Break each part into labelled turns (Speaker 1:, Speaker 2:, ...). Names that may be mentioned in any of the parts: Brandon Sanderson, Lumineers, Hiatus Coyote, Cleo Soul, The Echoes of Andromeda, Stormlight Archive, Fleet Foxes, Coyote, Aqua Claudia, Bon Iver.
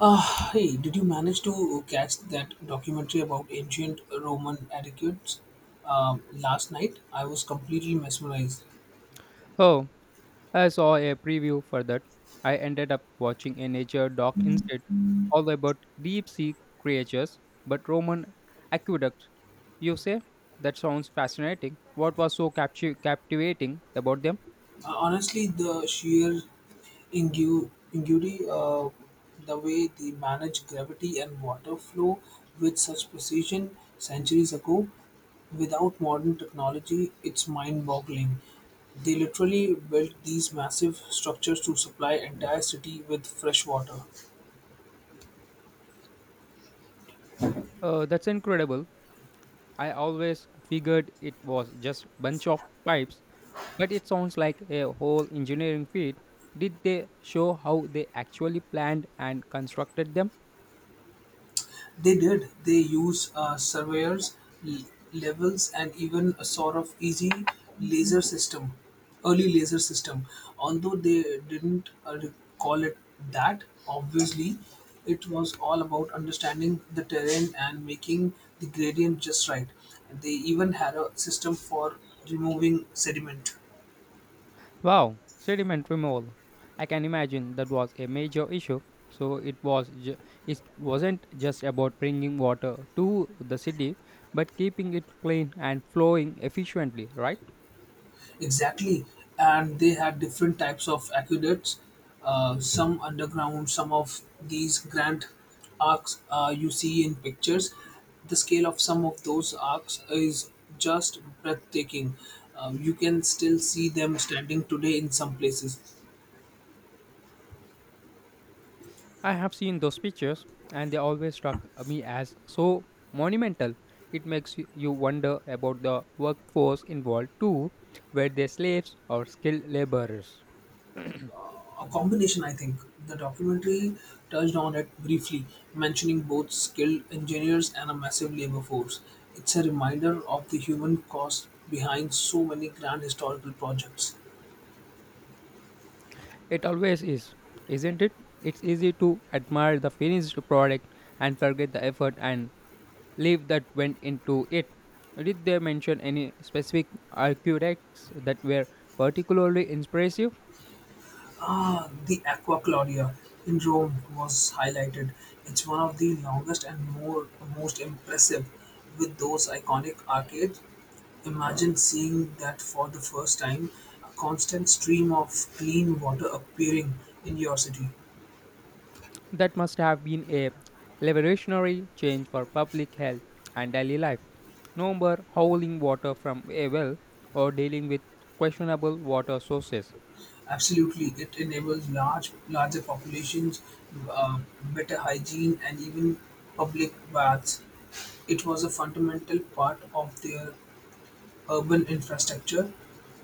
Speaker 1: Hey, did you manage to catch that documentary about ancient Roman etiquettes last night? I was completely mesmerized.
Speaker 2: Oh, I saw a preview for that. I ended up watching a nature doc instead, all about deep sea creatures, but Roman aqueducts. You say? That sounds fascinating. What was so captivating about them?
Speaker 1: Honestly, the sheer ingenuity, the way they managed gravity and water flow with such precision centuries ago, without modern technology, it's mind boggling. They literally built these massive structures to supply entire city with fresh water.
Speaker 2: That's incredible. I always figured it was just bunch of pipes, but it sounds like a whole engineering feat. Did they show how they actually planned and constructed them?
Speaker 1: They did. They use surveyors, l- levels, and even a sort of easy laser system, early laser system. Although they didn't call it that, obviously, it was all about understanding the terrain and making the gradient just right. They even had a system for removing sediment.
Speaker 2: Wow, sediment removal. I can imagine that was a major issue. So it wasn't just about bringing water to the city, but keeping it clean and flowing efficiently, right?
Speaker 1: Exactly, and they had different types of aqueducts, some underground, some of these grand arcs you see in pictures. The scale of some of those arcs is just breathtaking. You can still see them standing today in some places.
Speaker 2: I have seen those pictures, and they always struck me as so monumental. It makes you wonder about the workforce involved too, were they slaves or skilled laborers?
Speaker 1: A combination, I think. The documentary touched on it briefly, mentioning both skilled engineers and a massive labor force. It's a reminder of the human cost behind so many grand historical projects.
Speaker 2: It always is, isn't it? It's easy to admire the finished product and forget the effort and leave that went into it. Did they mention any specific architects that were particularly impressive?
Speaker 1: The Aqua Claudia in Rome was highlighted. It's one of the longest and more most impressive with those iconic arcades. Imagine seeing that for the first time, a constant stream of clean water appearing in your city.
Speaker 2: That must have been a revolutionary change for public health and daily life. No more howling water from a well or dealing with questionable water sources.
Speaker 1: Absolutely, it enables larger populations, uh, better hygiene, and even public baths. It was a fundamental part of their urban infrastructure,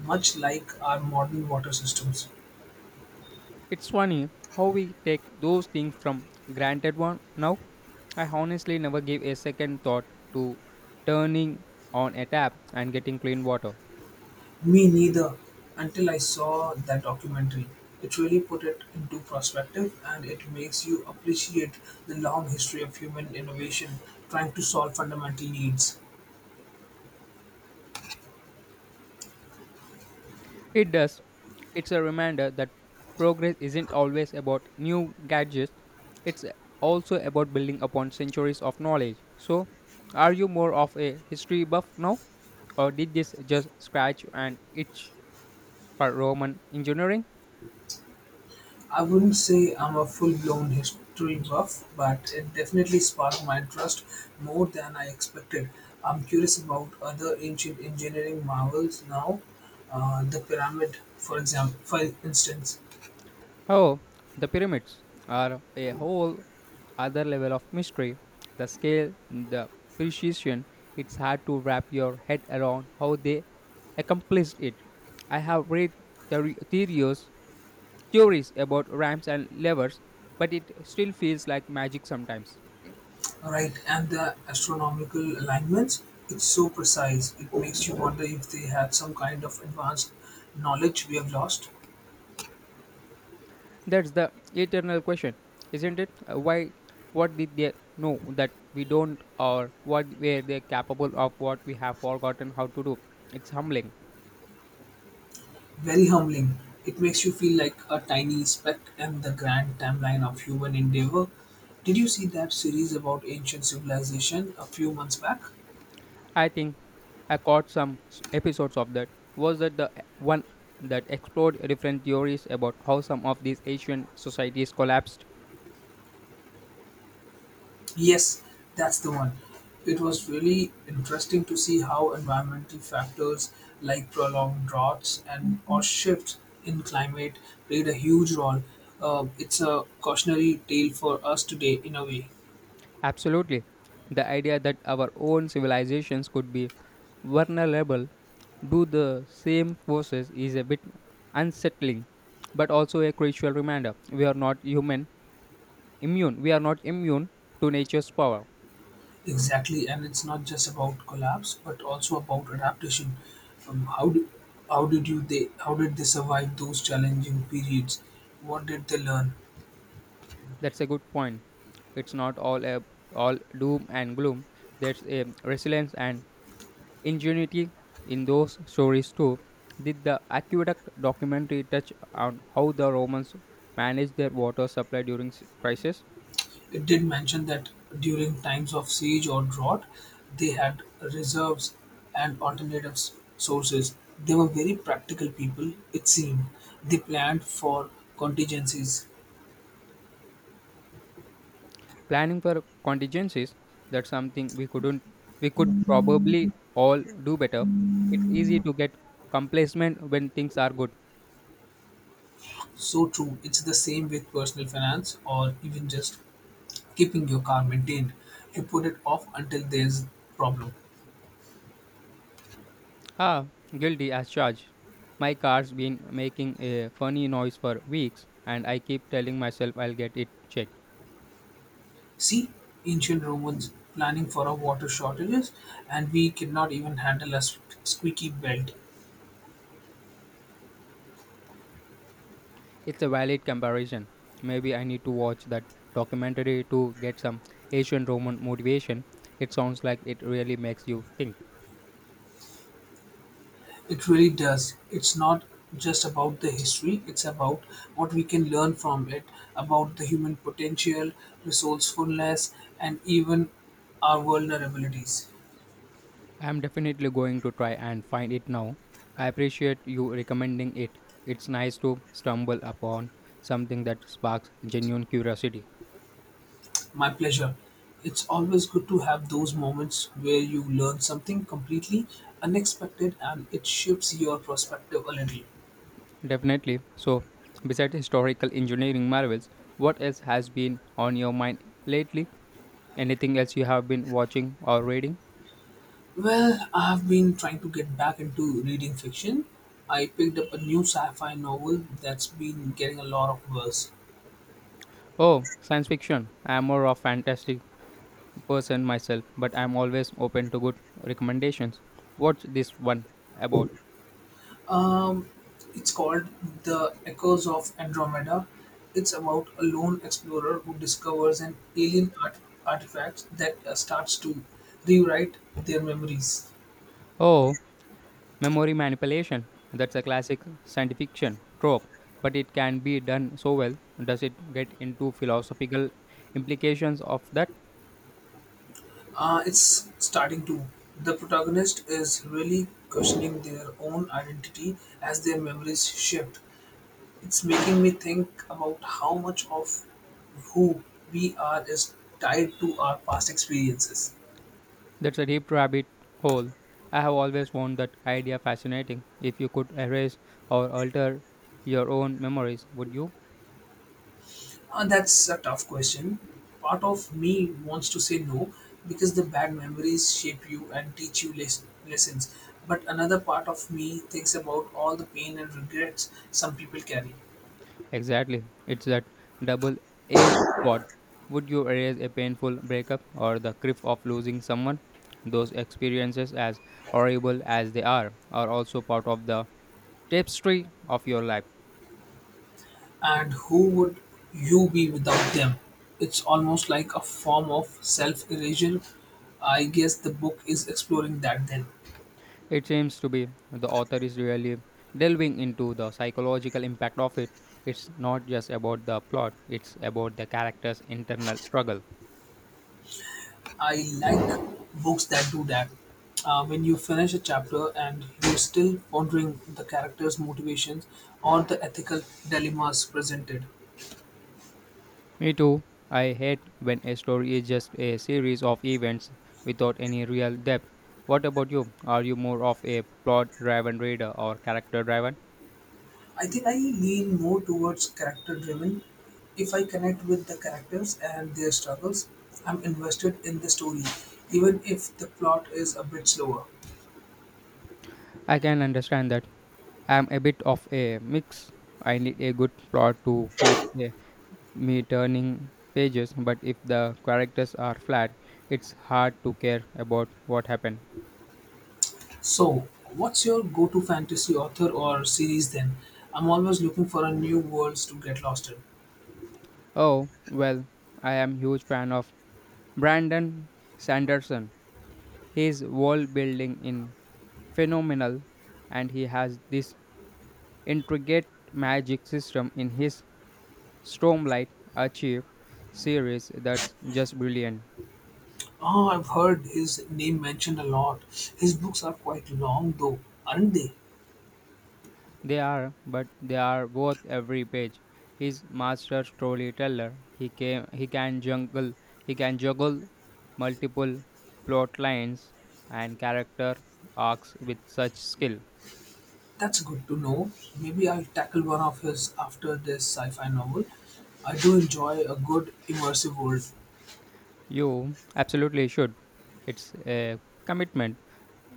Speaker 1: much like our modern water systems.
Speaker 2: It's funny how we take those things from granted one now. I honestly never gave a second thought to turning on a tap and getting clean water.
Speaker 1: Me neither, until I saw that documentary. It really put it into perspective and it makes you appreciate the long history of human innovation trying to solve fundamental needs.
Speaker 2: It does. It's a reminder that progress isn't always about new gadgets. It's also about building upon centuries of knowledge. So, are you more of a history buff now or did this just scratch an itch for Roman engineering?
Speaker 1: I wouldn't say I'm a full blown history buff, but it definitely sparked my interest more than I expected. I'm curious about other ancient engineering marvels now, the pyramid, for instance,
Speaker 2: Oh, the pyramids are a whole other level of mystery. The scale, the precision, it's hard to wrap your head around how they accomplished it. I have read theory- theories, theories about ramps and levers, but it still feels like magic sometimes.
Speaker 1: right, and the astronomical alignments. It's so precise; it makes you wonder if they had some kind of advanced knowledge we have lost.
Speaker 2: That's the eternal question, isn't it? Why, what did they know that we don't, or what were they capable of what we have forgotten how to do? It's humbling.
Speaker 1: Very humbling. It makes you feel like a tiny speck in the grand timeline of human endeavor. Did you see that series about ancient civilization a few months back?
Speaker 2: I think I caught some episodes of that. Was that the one that explored different theories about how some of these Asian societies collapsed?
Speaker 1: Yes, that's the one. It was really interesting to see how environmental factors like prolonged droughts and or shifts in climate played a huge role. It's a cautionary tale for us today, in a way.
Speaker 2: Absolutely. The idea that our own civilizations could be vulnerable to the same forces is a bit unsettling, but also a crucial reminder we are not human immune. We are not immune to nature's power.
Speaker 1: Exactly, and it's not just about collapse, but also about adaptation. Um, how do, how did you they how did they survive those challenging periods? What did they learn?
Speaker 2: That's a good point. It's not all a, all doom and gloom. There's a resilience and ingenuity in those stories too. Did the aqueduct documentary touch on how the Romans managed their water supply during crisis?
Speaker 1: It did mention that during times of siege or drought, they had reserves and alternative sources. They were very practical people. It seemed they planned for contingencies.
Speaker 2: Planning for contingencies. That's something we couldn't. We could probably all do better. It's easy to get complacent when things are good.
Speaker 1: So true. It's the same with personal finance or even just keeping your car maintained you put it off until there's problem.
Speaker 2: Ah, guilty as charged. My car's been making a funny noise for weeks, and I keep telling myself I'll get it checked.
Speaker 1: See, ancient Romans planning for our water shortages, and we cannot even handle a squeaky belt.
Speaker 2: It's a valid comparison. Maybe I need to watch that documentary to get some Asian Roman motivation. It sounds like it really makes you think.
Speaker 1: It really does. It's not just about the history, it's about what we can learn from it, about the human potential, resourcefulness, and even our vulnerabilities.
Speaker 2: I'm definitely going to try and find it now. I appreciate you recommending it. It's nice to stumble upon something that sparks genuine curiosity.
Speaker 1: My pleasure. It's always good to have those moments where you learn something completely unexpected and it shifts your perspective a little.
Speaker 2: Definitely. So, besides historical engineering marvels, what else has been on your mind lately? Anything else you have been watching or reading?
Speaker 1: Well, I've been trying to get back into reading fiction. I picked up a new sci fi novel that's been getting a lot of buzz.
Speaker 2: Oh, science fiction. I am more of fantastic person myself, but I am always open to good recommendations. What's this one about?
Speaker 1: Um, it's called The Echoes of Andromeda. It's about a lone explorer who discovers an artifact that starts to rewrite their memories.
Speaker 2: Oh, memory manipulation. That's a classic science fiction trope, but it can be done so well. Does it get into philosophical implications of that?
Speaker 1: It's starting to. The protagonist is really questioning their own identity as their memories shift. It's making me think about how much of who we are is tied to our past experiences.
Speaker 2: That's a deep rabbit hole. I have always found that idea fascinating. If you could erase or alter your own memories, would you?
Speaker 1: That's a tough question. Part of me wants to say no because the bad memories shape you and teach you lessons. But another part of me thinks about all the pain and regrets some people carry.
Speaker 2: Exactly. It's that double edged sword. Would you erase a painful breakup or the grief of losing someone? Those experiences, as horrible as they are also part of the tapestry of your life.
Speaker 1: And who would you be without them? It's almost like a form of self erasure. I guess the book is exploring that then.
Speaker 2: It seems to be the author is really delving into the psychological impact of it. It's not just about the plot, it's about the character's internal struggle.
Speaker 1: I like books that do that. When you finish a chapter and you're still pondering the character's motivations or the ethical dilemmas presented.
Speaker 2: Me too. I hate when a story is just a series of events without any real depth. What about you? Are you more of a plot driven reader or character driven?
Speaker 1: I think I lean more towards character driven. If I connect with the characters and their struggles, I'm invested in the story, even if the plot is a bit slower.
Speaker 2: I can understand that. I'm a bit of a mix. I need a good plot to keep me turning pages, but if the characters are flat, it's hard to care about what happened.
Speaker 1: So, what's your go to fantasy author or series then? I'm always looking for a new worlds to get lost in.
Speaker 2: Oh, well, I am huge fan of Brandon Sanderson. His world building in phenomenal and he has this intricate magic system in his Stormlight Archive series that's just brilliant.
Speaker 1: Oh, I've heard his name mentioned a lot. His books are quite long though, aren't they?
Speaker 2: They are, but they are worth every page. His master storyteller. He came. He can juggle multiple plot lines and character arcs with such skill.
Speaker 1: That's good to know. Maybe I'll tackle one of his after this sci fi novel. I do enjoy a good immersive world.
Speaker 2: You absolutely should. It's a commitment,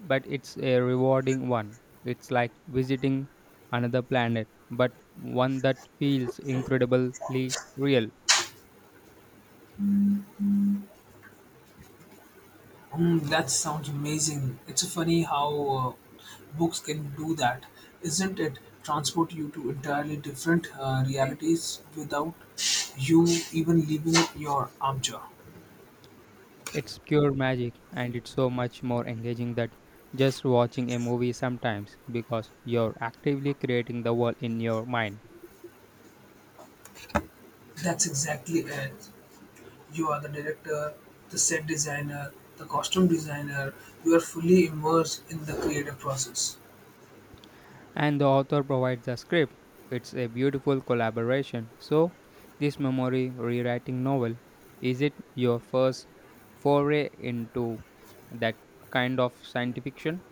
Speaker 2: but it's a rewarding one. It's like visiting another planet, but one that feels incredibly real.
Speaker 1: Mm, that sounds amazing. It's funny how books can do that, isn't it? Transport you to entirely different realities without you even leaving your armchair.
Speaker 2: It's pure magic, and it's so much more engaging than just watching a movie sometimes because you're actively creating the world in your mind
Speaker 1: That's exactly it. You are the director, the set designer, the costume designer. You are fully immersed in the creative process.
Speaker 2: and the author provides the script. It's a beautiful collaboration. So, this memory rewriting novel is it your first foray into that kind of science fiction?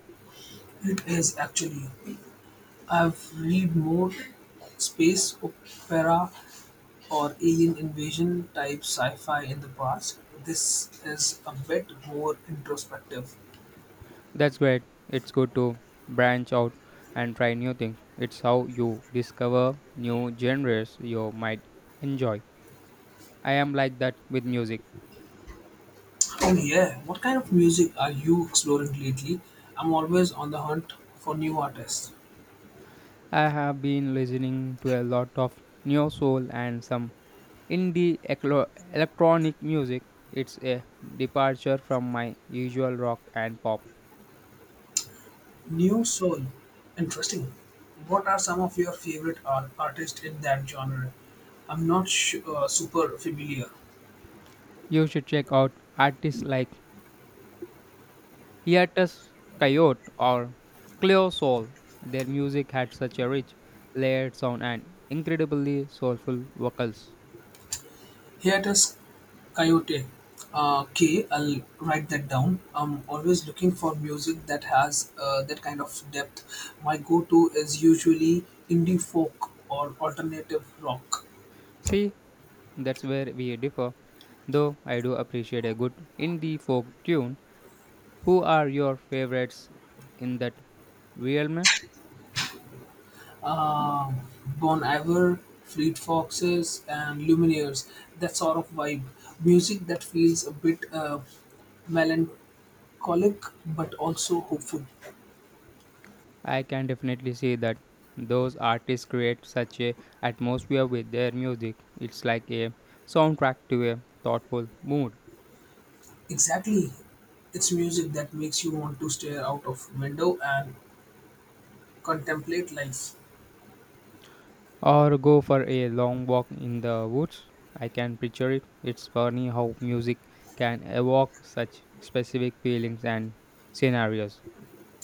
Speaker 1: It is actually. I've read more space opera or alien invasion type sci-fi in the past. This is a bit more introspective.
Speaker 2: That's great. It's good to branch out and try new things. It's how you discover new genres you might enjoy. I am like that with music.
Speaker 1: Oh yeah, what kind of music are you exploring lately? I'm always on the hunt for new artists.
Speaker 2: I have been listening to a lot of neo soul and some indie eclo- electronic music. It's a departure from my usual rock and pop.
Speaker 1: New soul. Interesting. What are some of your favorite artists in that genre? I'm not super familiar.
Speaker 2: You should check out artists like Hiatus Coyote or Cleo Soul. Their music had such a rich, layered sound and incredibly soulful vocals.
Speaker 1: Here it is Coyote. K, I'll write that down. I'm always looking for music that has that kind of depth. My go-to is usually indie folk or alternative rock.
Speaker 2: See, that's where we differ. Though I do appreciate a good indie folk tune. Who are your favorites in that realm?
Speaker 1: Uh, Bon Iver, Fleet Foxes, and Lumineers. That sort of vibe. Music that feels a bit melancholic but also hopeful.
Speaker 2: I can definitely see that those artists create such a atmosphere with their music. It's like a soundtrack to a thoughtful mood.
Speaker 1: Exactly. It's music that makes you want to stare out of window and contemplate life.
Speaker 2: Or go for a long walk in the woods. I can picture it. It's funny how music can evoke such specific feelings and scenarios.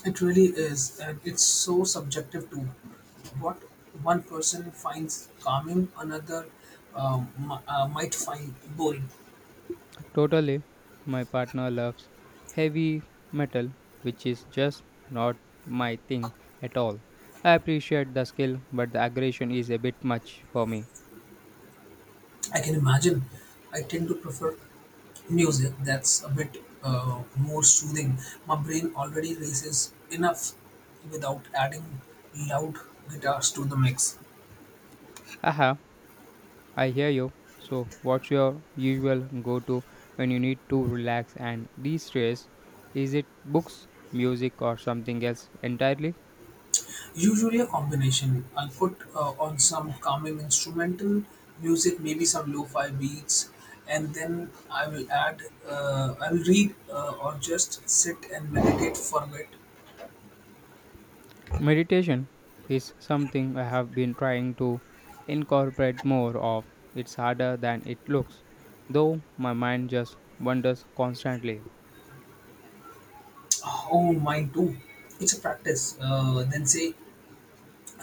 Speaker 1: It really is, and it's so subjective too. What one person finds calming, another might find boring.
Speaker 2: Totally, my partner loves heavy metal, which is just not my thing at all. I appreciate the skill, but the aggression is a bit much for me.
Speaker 1: I can imagine. I tend to prefer music that's a bit more soothing. My brain already races enough without adding loud guitars to the mix.
Speaker 2: Haha, I hear you. So, what's your usual go to when you need to relax and de stress? Is it books, music, or something else entirely?
Speaker 1: Usually a combination. I'll put on some calming instrumental music, maybe some lo-fi beats, and then I will add. I will read or just sit and meditate for a bit.
Speaker 2: Meditation is something I have been trying to incorporate more of. It's harder than it looks, though my mind just wanders constantly.
Speaker 1: Oh, mine too. It's a practice. Then say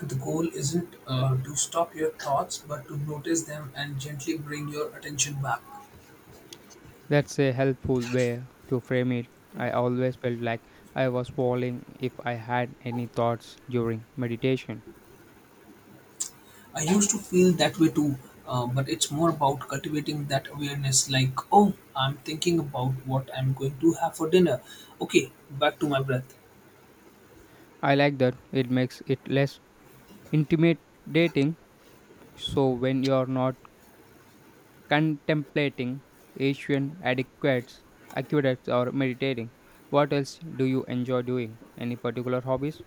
Speaker 1: the goal isn't to stop your thoughts, but to notice them and gently bring your attention back.
Speaker 2: That's a helpful way to frame it. I always felt like I was falling if I had any thoughts during meditation.
Speaker 1: I used to feel that way too, but it's more about cultivating that awareness like, oh, I'm thinking about what I'm going to have for dinner. Okay, back to my breath.
Speaker 2: I like that it makes it less intimidating, so when you're not contemplating Asian adequates, aqueducts, or meditating. What else do you enjoy doing? Any particular hobbies?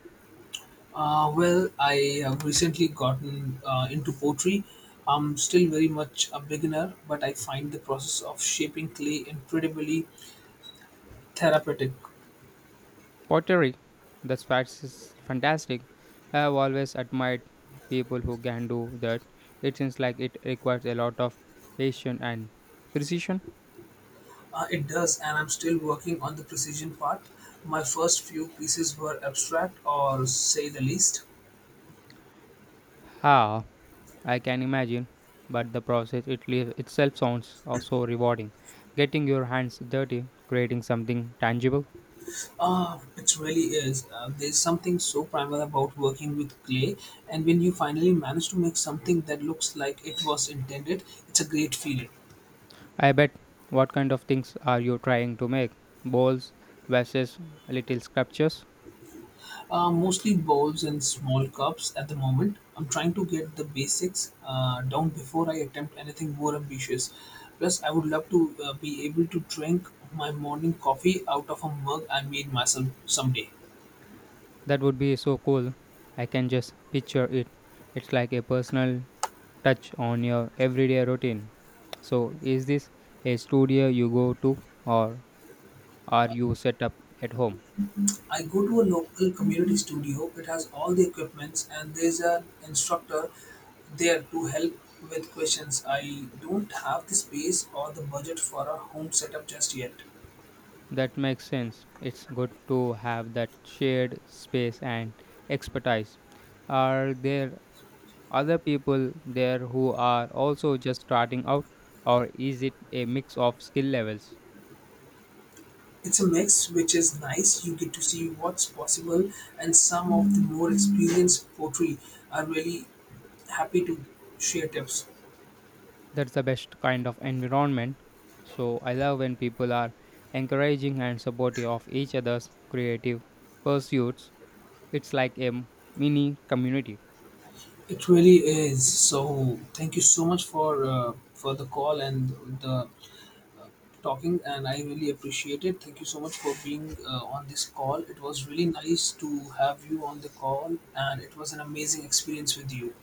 Speaker 1: Well, I have recently gotten into pottery. I'm still very much a beginner, but I find the process of shaping clay incredibly therapeutic.
Speaker 2: Pottery. That's fast- is fantastic. I have always admired people who can do that. It seems like it requires a lot of patience and precision.
Speaker 1: It does, and I'm still working on the precision part. My first few pieces were abstract, or say the least.
Speaker 2: Ah, I can imagine. But the process itself sounds also rewarding. Getting your hands dirty, creating something tangible.
Speaker 1: Ah, it really is. There's something so primal about working with clay, and when you finally manage to make something that looks like it was intended, it's a great feeling.
Speaker 2: I bet. What kind of things are you trying to make? Bowls, vases, little sculptures?
Speaker 1: Mostly bowls and small cups at the moment. I'm trying to get the basics down before I attempt anything more ambitious. Plus, I would love to be able to drink my morning coffee out of a mug I made myself someday.
Speaker 2: That would be so cool. I can just picture it. It's like a personal touch on your everyday routine. So, is this a studio you go to or are you set up at home?
Speaker 1: I go to a local community studio. It has all the equipments, and there's an instructor there to help with questions. I don't have the space or the budget for a home setup just yet.
Speaker 2: That makes sense. It's good to have that shared space and expertise. Are there other people there who are also just starting out, or is it a mix of skill levels?
Speaker 1: It's a mix, which is nice. You get to see what's possible, and some of the more experienced poetry are really happy to share tips.
Speaker 2: That's the best kind of environment. So I love when people are encouraging and supportive of each other's creative pursuits. It's like a mini community.
Speaker 1: It really is. So, thank you so much for the call and the talking and I really appreciate it. Thank you so much for being on this call. It was really nice to have you on the call and it was an amazing experience with you.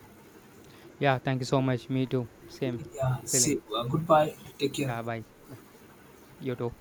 Speaker 2: Yeah, thank you so much. Me too. Same
Speaker 1: Yeah,
Speaker 2: feeling.
Speaker 1: say goodbye. Take care.
Speaker 2: Yeah, bye. Yeah, you too.